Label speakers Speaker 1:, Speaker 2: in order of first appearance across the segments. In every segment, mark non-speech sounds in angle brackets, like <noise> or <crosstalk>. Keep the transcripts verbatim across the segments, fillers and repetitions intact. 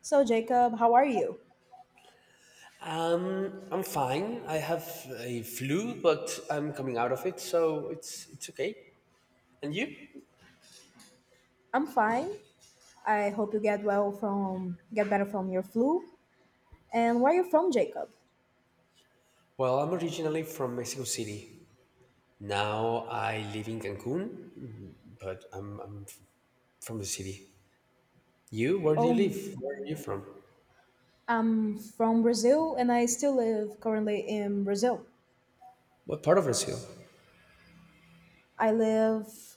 Speaker 1: So Jacob, how are you?
Speaker 2: Um, I'm fine. I have a flu, but I'm coming out of it, so it's it's okay. And you?
Speaker 1: I'm fine. I hope you get well from get better from your flu. And where are you from, Jacob?
Speaker 2: Well, I'm originally from Mexico City. Now I live in Cancun, but I'm I'm f- from the city. You? Where do you
Speaker 1: Oh,
Speaker 2: live? Where are you from?
Speaker 1: I'm from Brazil, and I still live currently in Brazil.
Speaker 2: What part of Brazil?
Speaker 1: I live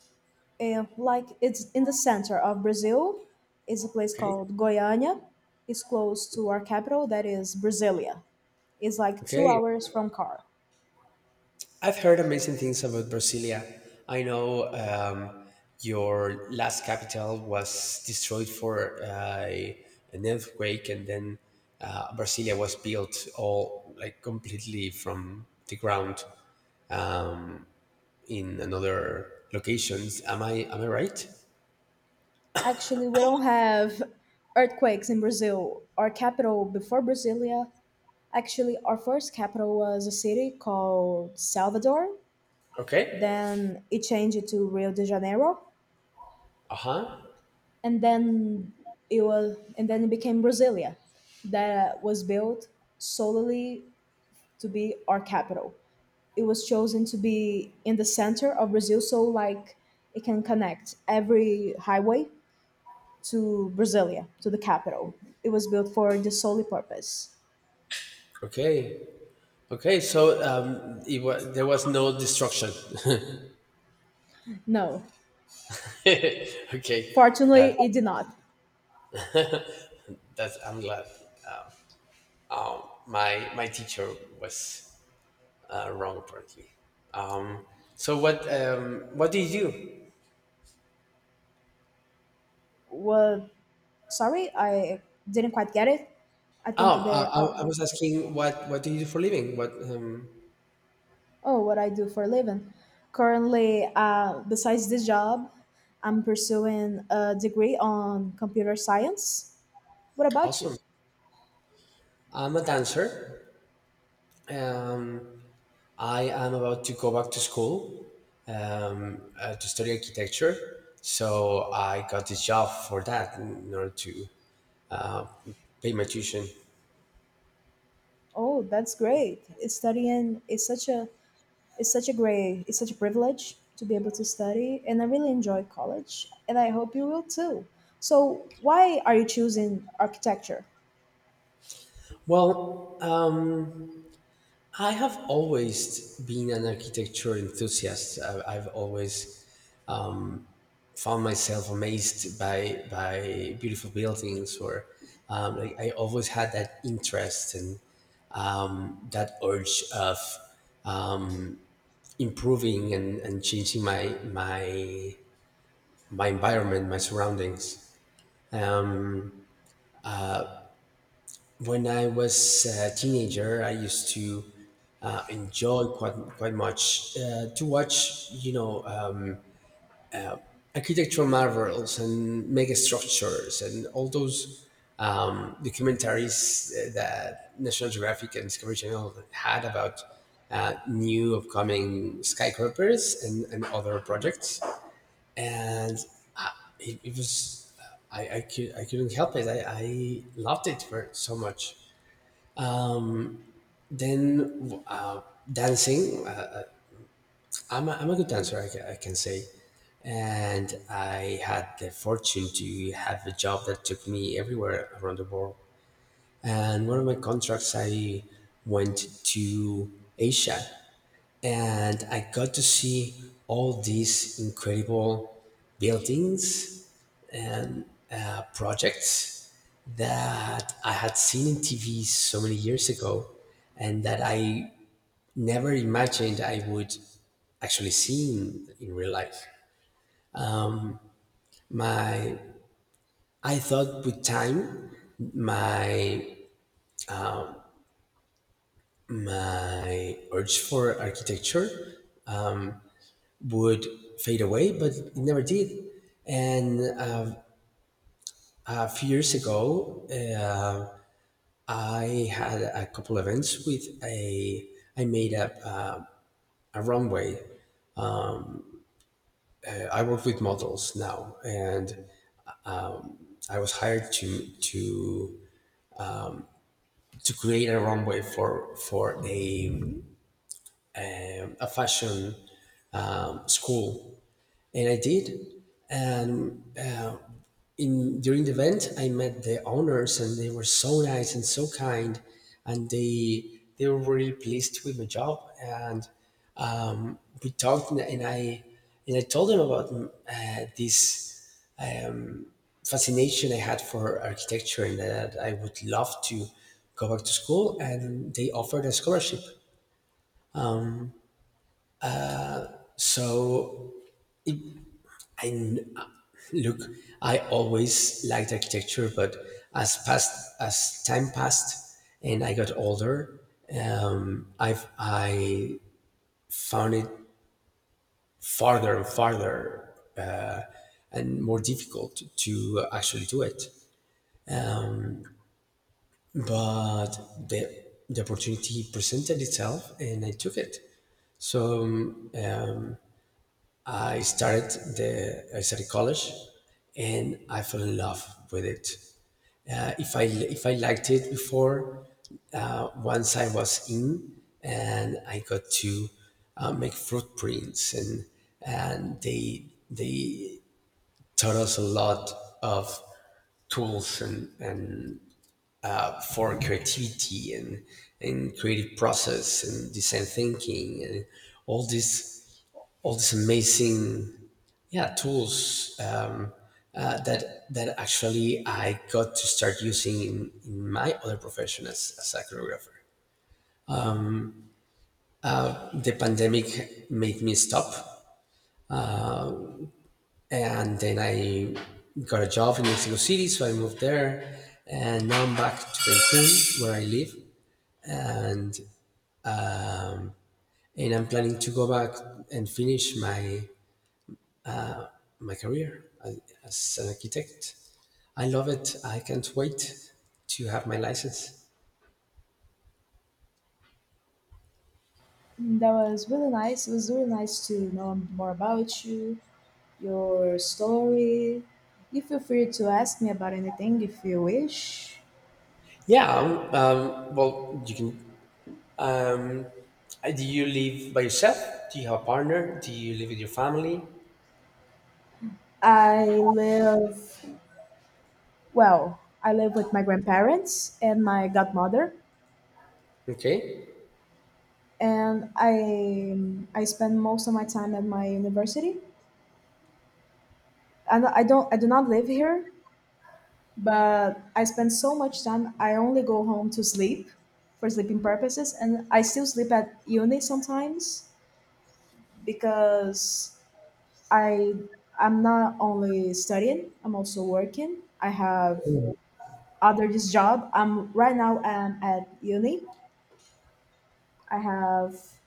Speaker 1: in, like it's in the center of Brazil. It's a place
Speaker 2: Okay.
Speaker 1: called Goiânia. It's close to our capital, that is Brasilia. It's like two
Speaker 2: Okay.
Speaker 1: hours from car.
Speaker 2: I've heard amazing things about Brasilia. I know um, your last capital was destroyed for uh, an earthquake, and then uh, Brasilia was built all like completely from the ground um, in another locations. Am I am I right?
Speaker 1: Actually, we don't have earthquakes in Brazil. Our capital before Brasilia. Actually, our first capital was a city called Salvador.
Speaker 2: Okay.
Speaker 1: Then it changed to Rio de Janeiro,
Speaker 2: Uh huh.
Speaker 1: and then it was, and then it became Brasilia, that was built solely to be our capital. It was chosen to be in the center of Brazil, so like it can connect every highway to Brasilia, to the capital. It was built for the solely purpose.
Speaker 2: Okay. Okay. So um, it was there was no destruction.
Speaker 1: No,
Speaker 2: <laughs> Okay.
Speaker 1: fortunately,
Speaker 2: That
Speaker 1: it did not.
Speaker 2: that I'm glad. Um, my my teacher was uh, wrong apparently. Um, so what um, what do you do?
Speaker 1: What? Sorry, I didn't quite get it. I
Speaker 2: Oh,
Speaker 1: think
Speaker 2: I,
Speaker 1: the
Speaker 2: I I
Speaker 1: oh.
Speaker 2: was asking what what do you do for living? What um,
Speaker 1: Oh, what I do for a living. Currently, uh, besides this job, I'm pursuing a degree on computer science. What about you?
Speaker 2: Awesome. I'm a dancer. Um, I am about to go back to school um, uh, to study architecture. So I got this job for that in order to uh, pay my tuition.
Speaker 1: Oh, that's great. It's Studying is such a it's such a great it's such a privilege to be able to study, and I really enjoy college, and I hope you will too. So, why are you choosing architecture?
Speaker 2: Well, um, I have always been an architecture enthusiast. I- I've always um, found myself amazed by by beautiful buildings, or um, like I always had that interest and um, that urge of um, improving and, and changing my my my environment, my surroundings. Um, when I was a teenager, I used to uh, enjoy quite quite much uh, to watch, you know, um, architectural marvels and mega structures and all those um, documentaries that National Geographic and Discovery Channel had about uh, new upcoming skyscrapers and, and other projects. And I, it, it was I, I, could, I couldn't help it. I, I loved it for so much. Then uh, dancing, uh, I'm, a, I'm a good dancer, I, ca- I can say. And I had the fortune to have a job that took me everywhere around the world. And one of my contracts, I went to Asia and I got to see all these incredible buildings and uh, projects that I had seen in T V so many years ago, and that I never imagined I would actually see in, in real life. My I thought with time my my urge for architecture um, would fade away, but it never did. And uh, a few years ago, uh, I had a couple events with a. I made up uh, a runway. Uh, I work with models now, and um, I was hired to to to create a runway for for a um, a fashion um, school and I did. And uh, in during the event, I met the owners, and they were so nice and so kind, and they they were really pleased with my job. And um, we talked, and and I and I told them about uh, this um, fascination I had for architecture, and that I would love to go back to school. And they offered a scholarship. So And uh, Look, I always liked architecture, but as past as time passed and I got older, um, I've I found it farther and farther uh, and more difficult to actually do it. But the the opportunity presented itself, and I took it. So um, I started the I started college, and I fell in love with it. Uh, if I if I liked it before, uh, once I was in, and I got to uh, make footprints, and and they they taught us a lot of tools and, and uh, for creativity and, and creative process and design thinking and all these all these amazing yeah tools um, uh, that that actually I got to start using in, in my other profession as, as a choreographer. The pandemic made me stop, and then I got a job in Mexico City, so I moved there, and now I'm back to Cancun where I live, and and I'm planning to go back and finish my my career as, as an architect. I love it. I can't wait to have my license.
Speaker 1: Mm, that was really nice. It was really nice to know more about you, your story. You feel free to ask me about anything if you wish.
Speaker 2: Yeah. Um, um, well, you can. Um, uh, do you live by yourself? Do you have a partner? Do you live with your family?
Speaker 1: I live, well, I live with my grandparents and my godmother,
Speaker 2: Okay.
Speaker 1: and I I spend most of my time at my university. And I don't I do not live here, but I spend so much time. I only go home to sleep for sleeping purposes, and I still sleep at uni sometimes because I I'm not only studying, I'm also working. I have other this job. I'm right now I'm at uni. I have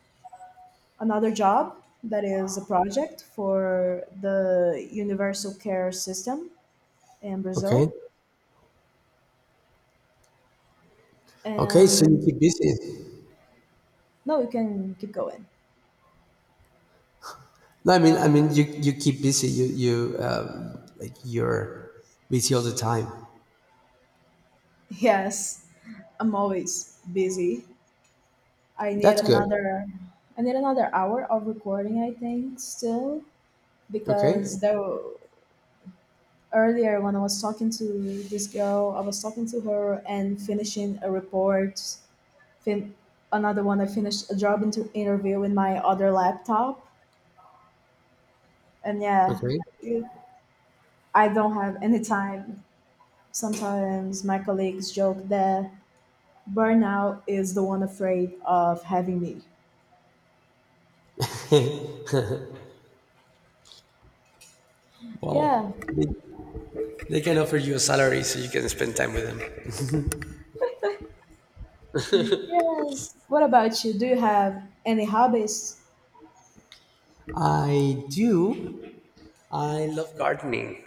Speaker 1: another job that is a project for the universal care system in Brazil.
Speaker 2: Okay. Okay. So you
Speaker 1: And
Speaker 2: keep busy.
Speaker 1: no, you can keep going.
Speaker 2: No, I mean, I mean, you you keep busy. You you um, like you're busy all the time.
Speaker 1: <laughs> Yes, I'm always busy. I need
Speaker 2: That's good.
Speaker 1: another I need another hour of recording I think still
Speaker 2: Okay.
Speaker 1: because there earlier when I was talking to this girl, I was talking to her and finishing a report, fin- another one. I finished a job inter- interview in my other laptop, and yeah,
Speaker 2: Okay.
Speaker 1: it- I don't have any time. Sometimes my colleagues joke that burnout is the one afraid of having me. Yeah.
Speaker 2: Well, they, they can offer you a salary so you can spend time with them.
Speaker 1: Yes. What about you? Do you have any hobbies?
Speaker 2: I do. I love gardening.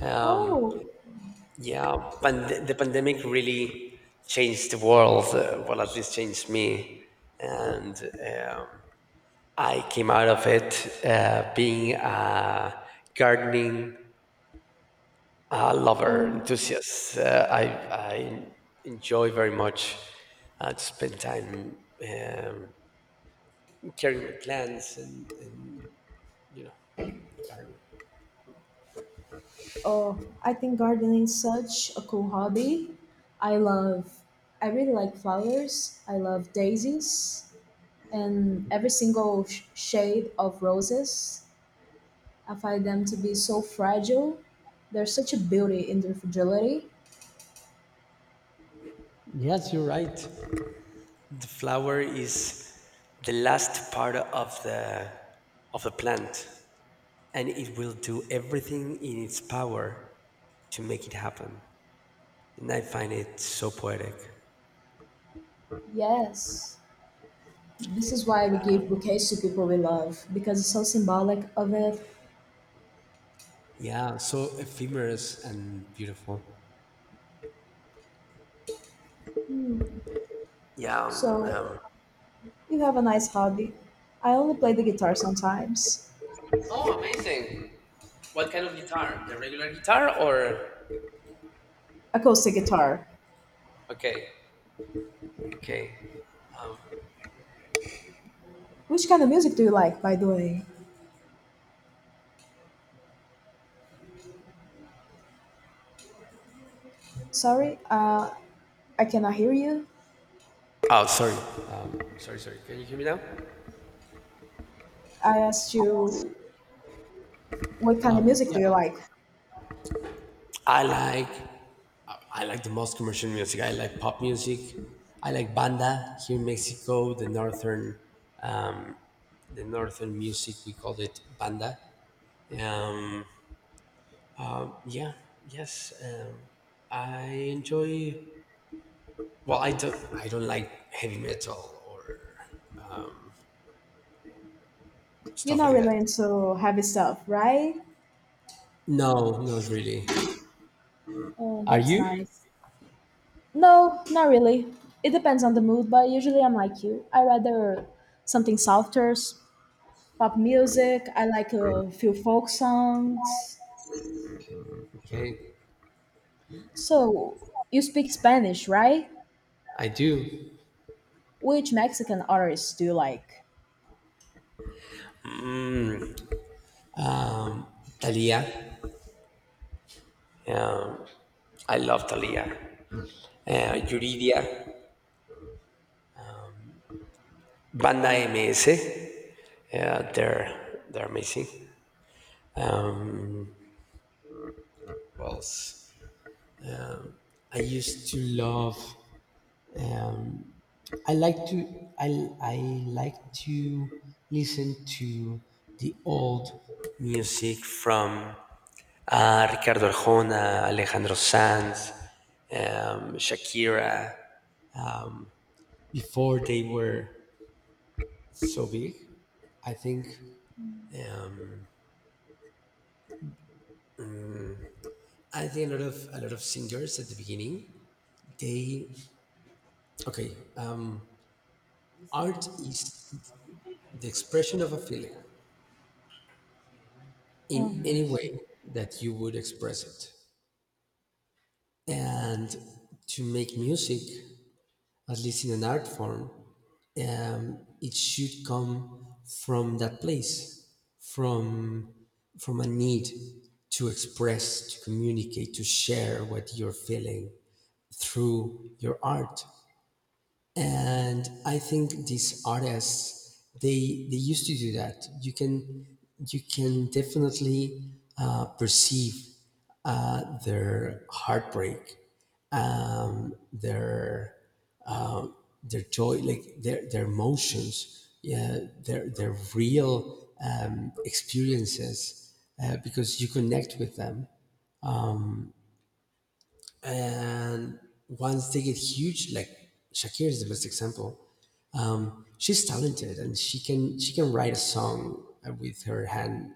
Speaker 2: Uh,
Speaker 1: Oh.
Speaker 2: yeah, pand- the pandemic really changed the world. Uh, well, at least changed me. And um, I came out of it uh, being a gardening uh, lover, enthusiast. Uh, I, I enjoy very much uh, to spend time um, caring for plants and, and you know, gardening.
Speaker 1: Oh, I think gardening is such a cool hobby. I love, I really like flowers. I love daisies and every single sh- shade of roses. I find them to be so fragile. There's such a beauty in their fragility.
Speaker 2: Yes, you're right. The flower is the last part of the of the plant, and it will do everything in its power to make it happen. And I find it so poetic.
Speaker 1: Yes, this is why we give bouquets to people we love because it's so symbolic of it.
Speaker 2: Yeah, so ephemerous and beautiful.
Speaker 1: Hmm.
Speaker 2: Yeah. Um,
Speaker 1: So
Speaker 2: um,
Speaker 1: you have a nice hobby. I only play the guitar sometimes,
Speaker 2: Oh, amazing. What kind of guitar? The regular guitar or?
Speaker 1: acoustic guitar.
Speaker 2: Okay. Okay. Um,
Speaker 1: Which kind of music do you like, by the way? Sorry, uh, I cannot hear you.
Speaker 2: oh, sorry. Um, sorry, sorry. Can you hear me now?
Speaker 1: I asked you what kind of music
Speaker 2: Yeah.
Speaker 1: do you like?
Speaker 2: I like I like the most commercial music. I like pop music. I like banda here in Mexico. The northern um, the northern music we call it banda. Um, yeah, yes. Um, I enjoy. Well, I don't. I don't like heavy metal or um,
Speaker 1: You're
Speaker 2: stuff
Speaker 1: not
Speaker 2: like that.
Speaker 1: really into heavy stuff, right?
Speaker 2: No, not really.
Speaker 1: Oh,
Speaker 2: Are
Speaker 1: that's
Speaker 2: you?
Speaker 1: nice. No, not really. It depends on the mood, but usually I'm like you. I rather something softer, s- pop music. I like a few folk songs.
Speaker 2: Okay,
Speaker 1: So, you speak Spanish, right?
Speaker 2: I do.
Speaker 1: Which Mexican artists do you like?
Speaker 2: Talia. Um, I love Talia. uh, Yuridia, Banda M S. Uh, they're they're amazing. Um, what else? I used to love. Um, I like to. I I like to listen to the old music from uh, Ricardo Arjona, Alejandro Sanz, um, Shakira. Um, Before they were so big, I think. Um, I think a lot of a lot of singers at the beginning they okay um, art is the expression of a feeling in
Speaker 1: Oh,
Speaker 2: any way that you would express it, and to make music, at least in an art form, um, it should come from that place, from from a need, to express, to communicate, to share what you're feeling through your art. And I think these artists they they used to do that. You can you can definitely uh, perceive uh, their heartbreak, um, their um, their joy, like their their emotions, yeah, their their real um, experiences, uh, because you connect with them. And once they get huge, like Shakira is the best example. She's talented and she can she can write a song uh, with her hand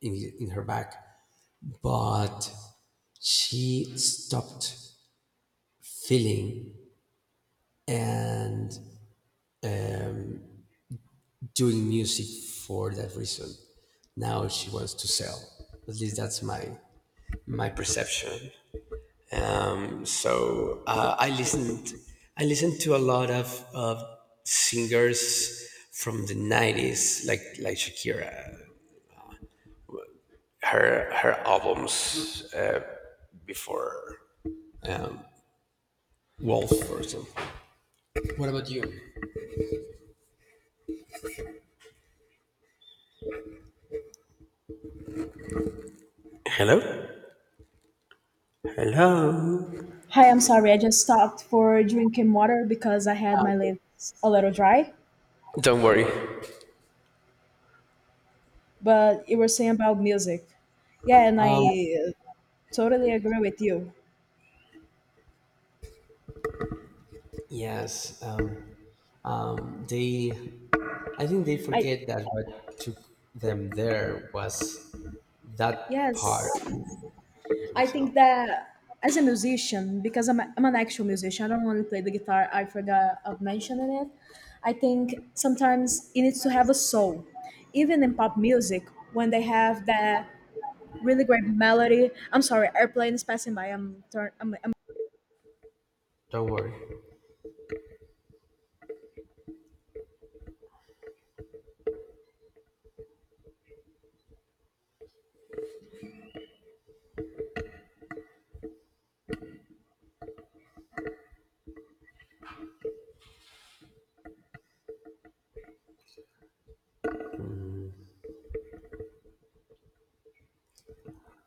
Speaker 2: in, in her back. But she stopped feeling and um, doing music for that reason. Now she wants to sell, at least that's my my perception. Um, so uh, i listened I listened to a lot of, of singers from the nineties, like like Shakira her her albums uh, before Wolf or something. What about you? Hello, hello.
Speaker 1: hi, I'm sorry. I just stopped for drinking water because I had
Speaker 2: Ah,
Speaker 1: my
Speaker 2: okay.
Speaker 1: lips a little dry.
Speaker 2: Don't worry.
Speaker 1: But you were saying about music. Yeah, and I
Speaker 2: Um,
Speaker 1: uh, totally agree with you.
Speaker 2: yes. Um, um, they, I think they
Speaker 1: I
Speaker 2: forget that what took them there was that part
Speaker 1: yes,
Speaker 2: of
Speaker 1: I think
Speaker 2: themselves.
Speaker 1: that as a musician, because I'm, a, I'm an actual musician, I don't only play the guitar. I forgot of mentioning it. I think sometimes it needs to have a soul, even in pop music when they have that really great melody. I'm sorry, airplanes passing by. I'm turn. I'm, I'm.
Speaker 2: Don't worry.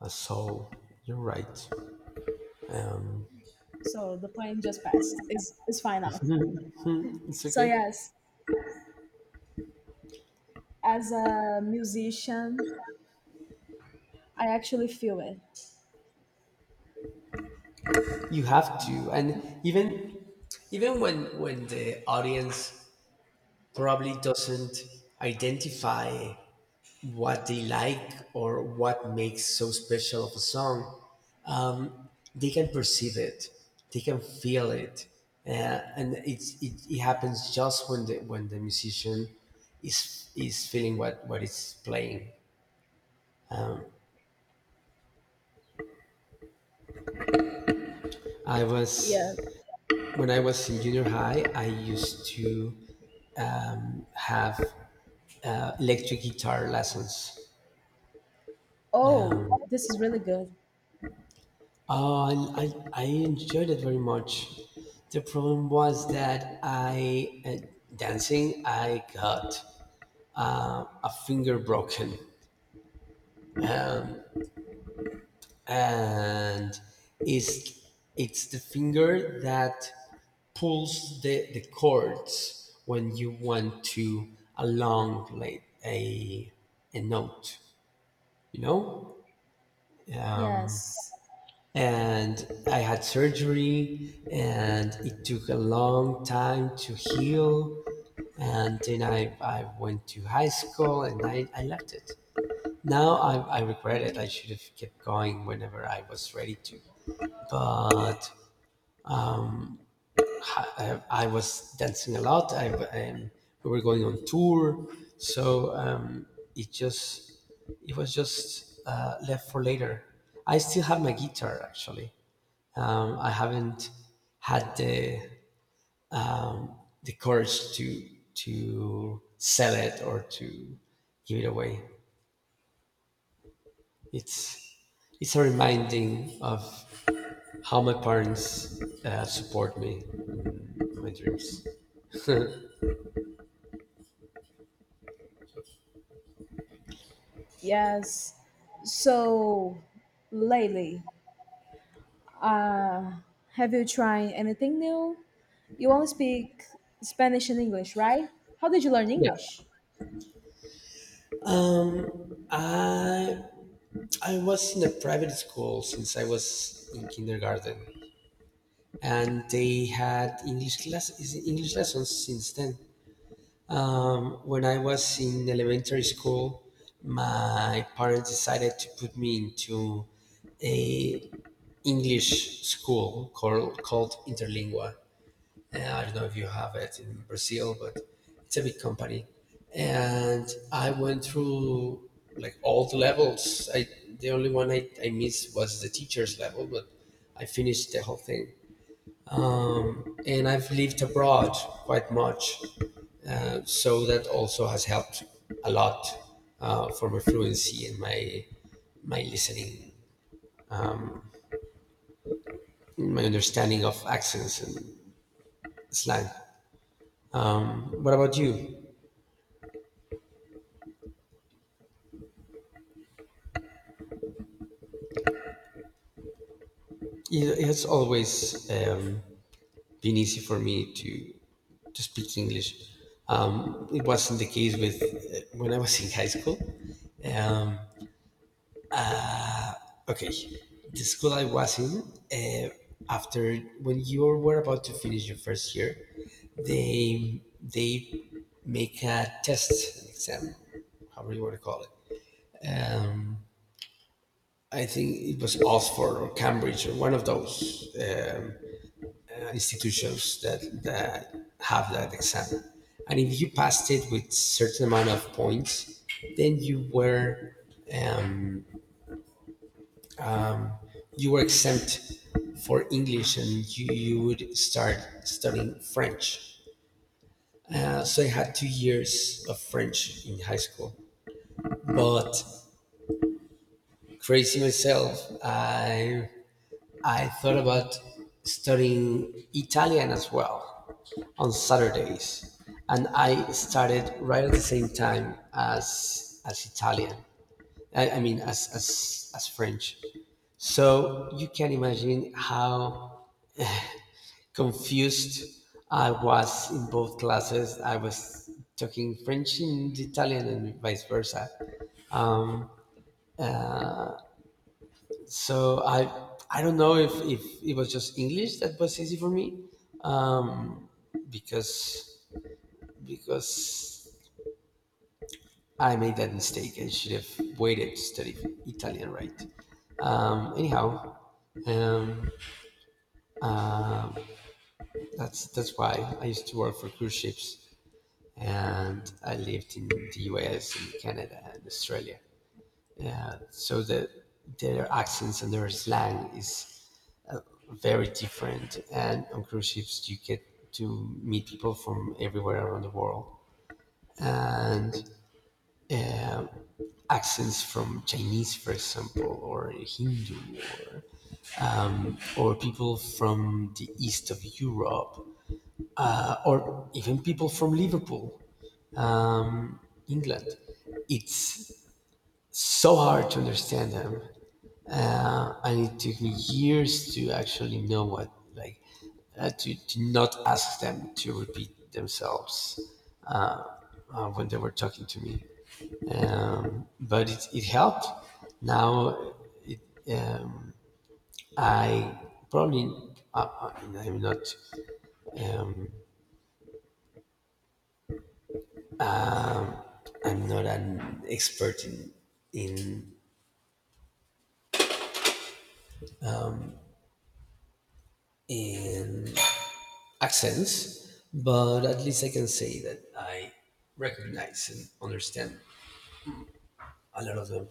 Speaker 2: Uh, so you're right. Um,
Speaker 1: So the point just passed. It's it's fine
Speaker 2: <laughs>
Speaker 1: now.
Speaker 2: it's
Speaker 1: So
Speaker 2: okay.
Speaker 1: yes, as a musician, I actually feel it.
Speaker 2: You have to, and even even when when the audience probably doesn't identify what they like or what makes so special of a song, um, they can perceive it, they can feel it, uh, and it's, it it happens just when the when the musician is is feeling what what is playing. I
Speaker 1: Yeah.
Speaker 2: was When I was in junior high, I used to um, have uh, electric guitar lessons.
Speaker 1: Oh, this is really good.
Speaker 2: Oh, I, I, I enjoyed it very much. The problem was that I, uh, dancing, I got uh, a finger broken. And it's, it's the finger that pulls the, the chords when you want to along like a, a note. you know um,
Speaker 1: Yes.
Speaker 2: and I had surgery and it took a long time to heal, and then i, I went to high school and i, I left it. Now I, I regret it. I should have kept going whenever I was ready to. But I, I was dancing a lot. I, um, we were going on tour, so um, it just it was just uh, left for later. I still have my guitar actually. Um, I haven't had the um, the courage to to sell it or to give it away. It's it's a reminding of how my parents uh, support me in my dreams.
Speaker 1: Yes. So lately, uh, have you tried anything new? You only speak Spanish and English, right? How did you learn
Speaker 2: Yeah,
Speaker 1: English?
Speaker 2: I I was in a private school since I was in kindergarten, and they had English classes, English lessons since then. Um, when I was in elementary school, my parents decided to put me into a English school called called Interlingua. Uh, I don't know if you have it in Brazil, but it's a big company. And I went through like all the levels. I The only one I, I missed was the teacher's level, but I finished the whole thing. And I've lived abroad quite much, uh, so that also has helped a lot uh, for my fluency and my my listening, my understanding of accents and slang. What about you? It- It's always um, been easy for me to to speak English. Um, it wasn't the case with uh, when I was <laughs> in high school. Um, okay, the school I was in, uh, after, when you were about to finish your first year, they they make a test, an exam, however you want to call it. I think it was Oxford or Cambridge or one of those, Um, institutions that, that have that exam. And if you passed it with certain amount of points, then you were, um, you were exempt for English and you, you would start studying French. Uh, so I had two years of French in high school. But crazy myself, I I thought about studying Italian as well on Saturdays, and I started right at the same time as as Italian. I, I mean, as, as as French. So you can imagine how confused I was in both classes. I was talking French and Italian and vice versa. So I I don't know if, if it was just English that was easy for me because because I made that mistake and should have waited to study Italian right. Um, anyhow, um, that's that's why I used to work for cruise ships, and I lived in the U S and Canada and Australia. Yeah, so the their accents and their slang is uh, very different, and on cruise ships you get to meet people from everywhere around the world, and, um, accents from Chinese, for example, or Hindu, or or people from the east of Europe, uh, or even people from Liverpool, England. It's so hard to understand them, uh, and it took me years to actually know what, like, uh, to, to not ask them to repeat themselves uh, when they were talking to me. Um, but it, it helped. Now, um, I probably, uh, uh, I'm not, um, I'm not an expert in in in accents, but at least I can say that I recognize and understand a lot of them.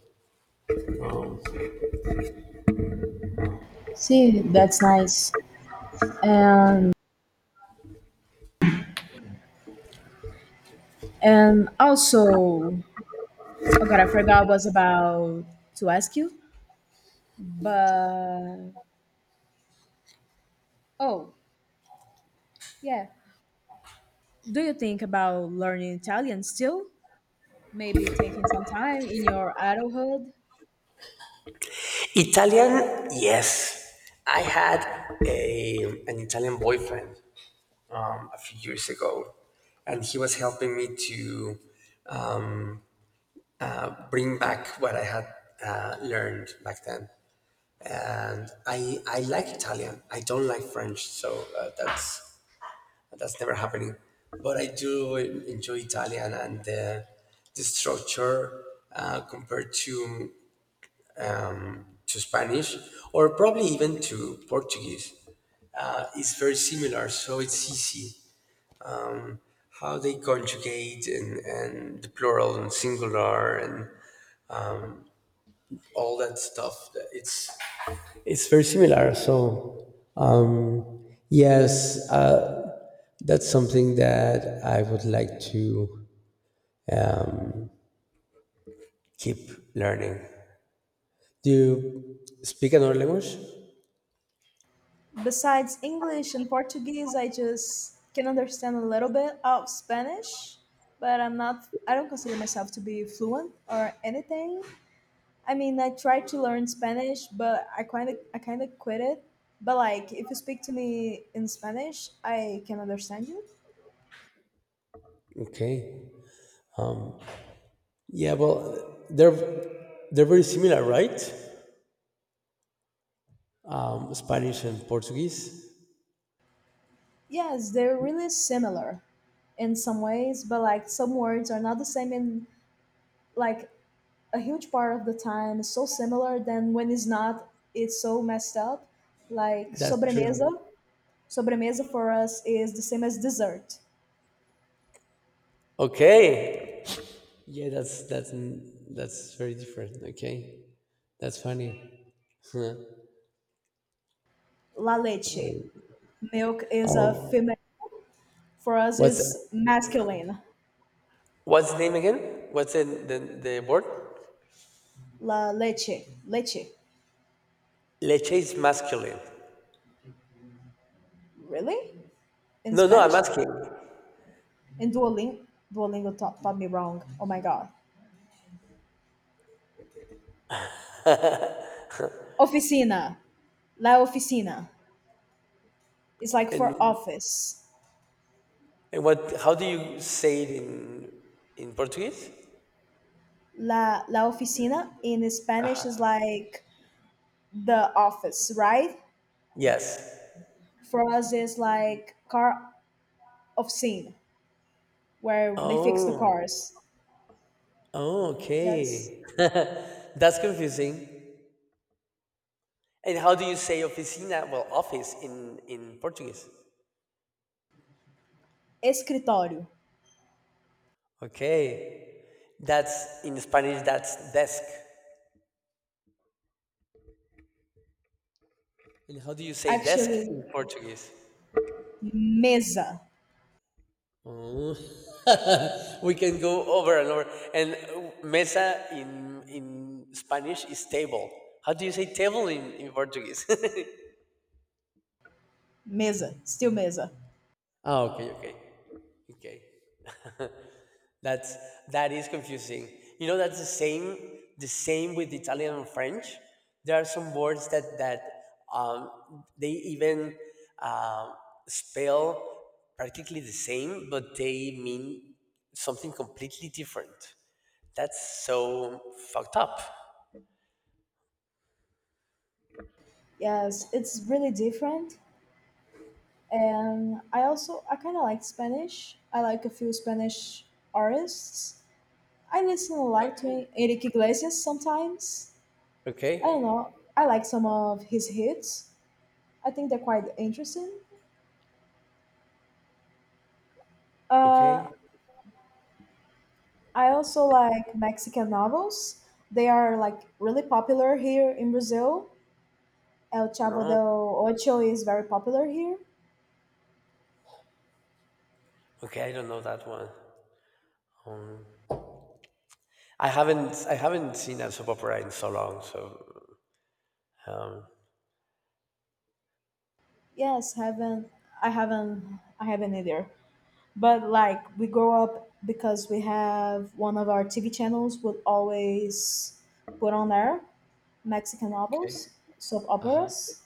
Speaker 1: See, that's nice. And and also, oh god, I forgot was about to ask you. But oh, yeah. Do you think about learning Italian still? Maybe taking some time in your adulthood?
Speaker 2: Italian, yes. I had a, an Italian boyfriend um, a few years ago, and he was helping me to, um, bring back what I had uh, learned back then. And I I like Italian. I don't like French, so uh, that's that's never happening. But I do en- enjoy Italian, and the the structure, uh, compared to to Spanish or probably even to Portuguese, uh, is very similar. So it's easy how they conjugate, and, and the plural and singular and all that stuff. It's it's very similar. So um, yes, that's something that I would like to, um, keep learning. Do you speak another language?
Speaker 1: Besides English and Portuguese, I just can understand a little bit of Spanish, but I'm not, I don't consider myself to be fluent or anything. I mean, I tried to learn Spanish, but I kind of, I kind of quit it. But like, if you speak to me in Spanish, I can understand you.
Speaker 2: Okay. Yeah, well, they're they're very similar, right? Um, Spanish and Portuguese.
Speaker 1: Yes, they're really similar in some ways, but like some words are not the same in like a huge part of the time it's so similar then when it's not it's so messed up. Like
Speaker 2: That's
Speaker 1: sobremesa,
Speaker 2: true.
Speaker 1: sobremesa for us is the same as dessert.
Speaker 2: Okay. Yeah, that's that's that's very different. Okay, that's funny. <laughs> Huh.
Speaker 1: La leche. Milk is a
Speaker 2: Um,
Speaker 1: female for us
Speaker 2: what's
Speaker 1: it's masculine.
Speaker 2: what's the name again? What's the the, the word?
Speaker 1: La leche. Leche.
Speaker 2: Leche is masculine.
Speaker 1: Really? In
Speaker 2: No, no, I'm
Speaker 1: Spanish?
Speaker 2: asking.
Speaker 1: In Duolingo. Duolingo taught, taught me wrong. Oh my god. Oficina. La oficina. It's like
Speaker 2: And
Speaker 1: for office.
Speaker 2: And what? How do you say it in in Portuguese?
Speaker 1: La, la oficina in Spanish is like the office, right?
Speaker 2: Yes.
Speaker 1: For us, it's like car oficina, where they fix the
Speaker 2: Oh.
Speaker 1: cars.
Speaker 2: Oh.
Speaker 1: Yes.
Speaker 2: Okay. <laughs> That's confusing. And how do you say oficina? Well, office in in Portuguese?
Speaker 1: Escritório.
Speaker 2: Okay. That's in Spanish. That's desk. And how do you say desk
Speaker 1: Actually,
Speaker 2: in Portuguese?
Speaker 1: mesa.
Speaker 2: Oh. <laughs> We can go over and over. And uh, mesa in in Spanish is table. How do you say table in, in Portuguese? <laughs>
Speaker 1: Mesa. Still mesa.
Speaker 2: Oh, okay, okay, okay. <laughs> That's, that is confusing. You know, that's the same. The same with Italian and French. There are some words that that, um, they even, uh, spell practically the same, but they mean something completely different. That's so fucked up.
Speaker 1: Yes, it's really different. And I also, I kind of like Spanish. I like a few Spanish artists. I listen a
Speaker 2: Like,
Speaker 1: lot to Enrique Iglesias sometimes. I don't know.
Speaker 2: okay,
Speaker 1: I like some of his hits. I think they're quite interesting. Uh,
Speaker 2: okay,
Speaker 1: I also like Mexican novels. They are like really popular here in Brazil. El Chavo
Speaker 2: no,
Speaker 1: del Ocho is very popular here.
Speaker 2: okay. I don't know that one. Um, I haven't I haven't seen a soap opera in so long. So, um,
Speaker 1: Yes, haven't I haven't. I haven't either. But like we grow up because we have one of our T V channels would always put on there Mexican
Speaker 2: okay,
Speaker 1: novels, soap
Speaker 2: uh-huh.
Speaker 1: operas,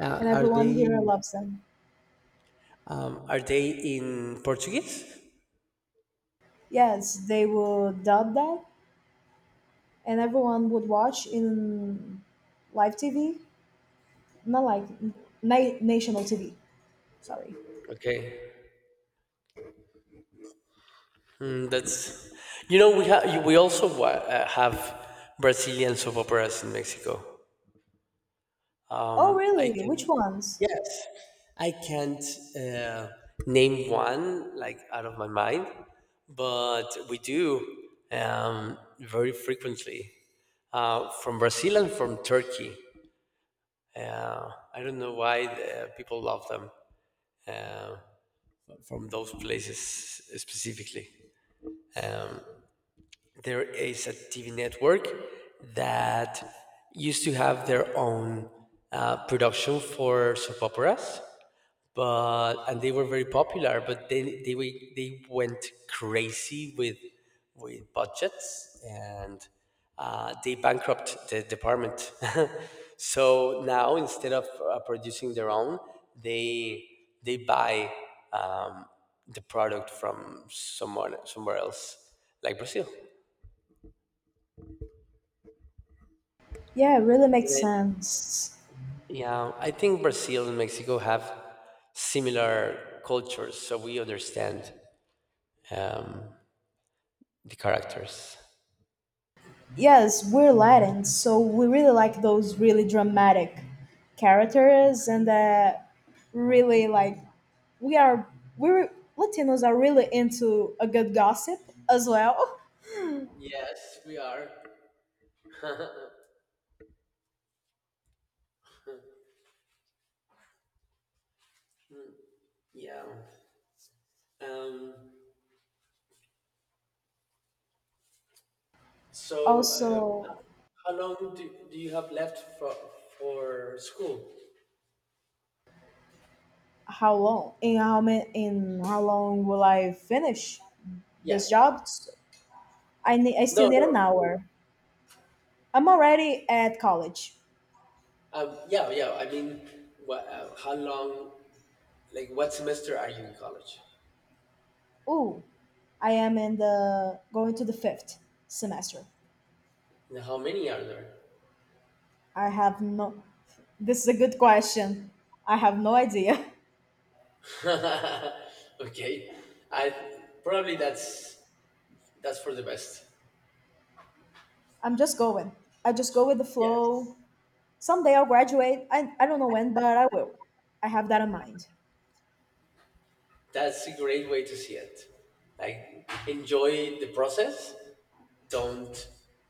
Speaker 2: Uh,
Speaker 1: and
Speaker 2: are
Speaker 1: everyone
Speaker 2: they,
Speaker 1: here loves them.
Speaker 2: um, are they in Portuguese?
Speaker 1: Yes, they would dub that, and everyone would watch in live T V, not like na- national T V. Sorry.
Speaker 2: Okay, mm, that's, you know we have, we also wa- uh, have Brazilian soap operas in Mexico.
Speaker 1: Oh,
Speaker 2: I
Speaker 1: really? Which
Speaker 2: can,
Speaker 1: ones?
Speaker 2: yes, I can't, uh, name one like out of my mind, but we do, um, very frequently, uh, from Brazil and from Turkey. Uh, I don't know why, uh, people love them, uh, from those places specifically. Um, there is a T V network that used to have their own, uh, production for soap operas, but, and they were very popular, but then they we- they went crazy with with budgets and, uh, they bankrupt the department. <laughs> So now, instead of, uh, producing their own, they they buy, um, the product from someone somewhere else, like brazil.
Speaker 1: Yeah, it really makes
Speaker 2: And I-
Speaker 1: sense.
Speaker 2: yeah, I think brazil and mexico have similar cultures, so we understand, um, the characters.
Speaker 1: Yes, we're Latin, so we really like those really dramatic characters, and uh, really like we are we're. Latinos are really into a good gossip as well.
Speaker 2: Yes, we are. Yeah. Um, so, uh,
Speaker 1: Also,
Speaker 2: how long do, do you have left for for school?
Speaker 1: how long? In how many? In how long will I finish
Speaker 2: Yeah.
Speaker 1: this job? I need. I
Speaker 2: No,
Speaker 1: still need an
Speaker 2: no, school.
Speaker 1: hour. I'm already at college.
Speaker 2: Um, yeah, yeah. I mean, what, uh, how long? Like, what semester are you in college?
Speaker 1: Ooh, I am in the going to the fifth semester.
Speaker 2: And how many are there?
Speaker 1: I have no. This is a good question. I have no idea.
Speaker 2: <laughs> Okay. I probably, that's that's for the best.
Speaker 1: <laughs> I'm just going. I just go with the
Speaker 2: Yeah.
Speaker 1: flow. Someday I'll graduate. I, I don't know when, but I will. I have that in mind.
Speaker 2: That's a great way to see it. Like, enjoy the process. Don't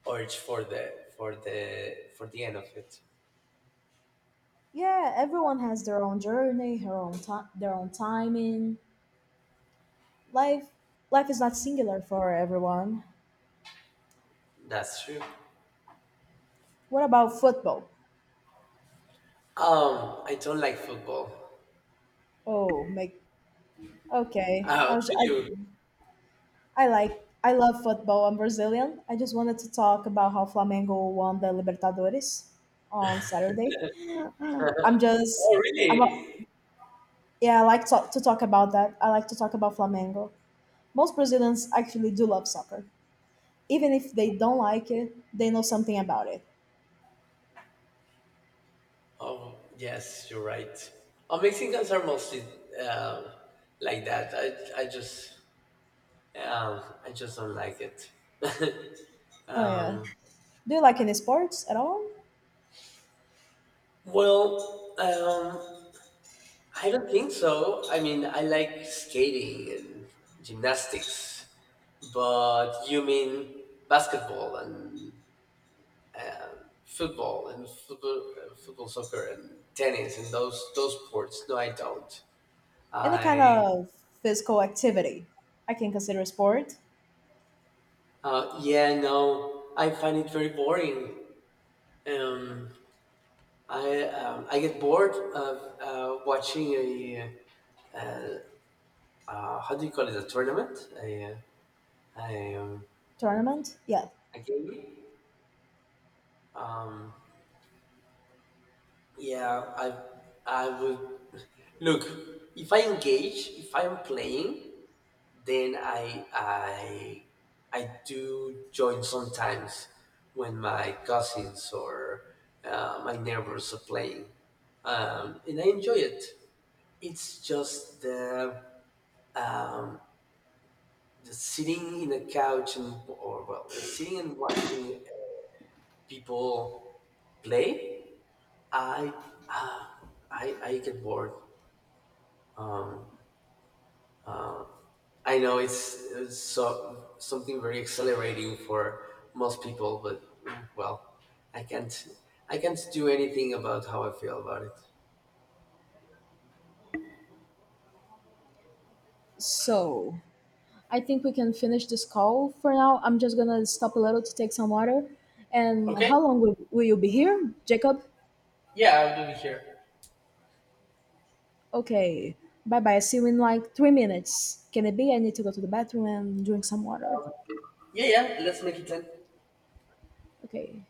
Speaker 2: urge for the for the for the end of it.
Speaker 1: Yeah, everyone has their own journey, her own time, their own timing. Life Life is not singular for everyone.
Speaker 2: That's true.
Speaker 1: What about football?
Speaker 2: Um, I don't like football.
Speaker 1: Oh, make okay. I,
Speaker 2: Oh,
Speaker 1: was,
Speaker 2: do
Speaker 1: I.
Speaker 2: you?
Speaker 1: I like I love football. I'm Brazilian. I just wanted to talk about how Flamengo won the Libertadores on Saturday. I'm just
Speaker 2: Oh,
Speaker 1: I'm a,
Speaker 2: really?
Speaker 1: yeah. I like to, to talk about that. I like to talk about Flamengo. Most Brazilians actually do love soccer, even if they don't like it. They know something about it.
Speaker 2: Oh, yes, you're right. Oh, Mexicans are mostly, um, like that. I, I just, um, I just don't like it. <laughs>
Speaker 1: Oh yeah.
Speaker 2: Um,
Speaker 1: Do you like any sports at all?
Speaker 2: well, um, I don't think so. I mean, I like skating and gymnastics, but you mean basketball and football and football, uh, football soccer and tennis and those those sports? No, I don't.
Speaker 1: Any kind
Speaker 2: I,
Speaker 1: of physical activity I can consider a sport,
Speaker 2: uh, yeah, no, I find it very boring. Um, I, um, I get bored of, uh, watching a, uh, how do you call it, a tournament? A, uh, a, um,
Speaker 1: tournament. Yeah.
Speaker 2: a game. Um, Yeah, I I would look, if I engage, if I'm playing, then I I I do join sometimes when my cousins or, uh, my neighbors are playing, um, and I enjoy it. It's just the, um, the sitting in a couch and or well, the sitting and watching people play. I uh, I I get bored. I know it's, it's so, something very accelerating for most people, but, well, I can't I can't do anything about how I feel about it.
Speaker 1: So I think we can finish this call for now. I'm just gonna stop a little to take some water. And
Speaker 2: Okay.
Speaker 1: how long will, will you be here, Jacob?
Speaker 2: Yeah, I'll do it here.
Speaker 1: Okay. Bye bye. See you in like three minutes. Can it be? I need to go to the bathroom and drink some water.
Speaker 2: Yeah, yeah. Let's make it ten.
Speaker 1: Okay.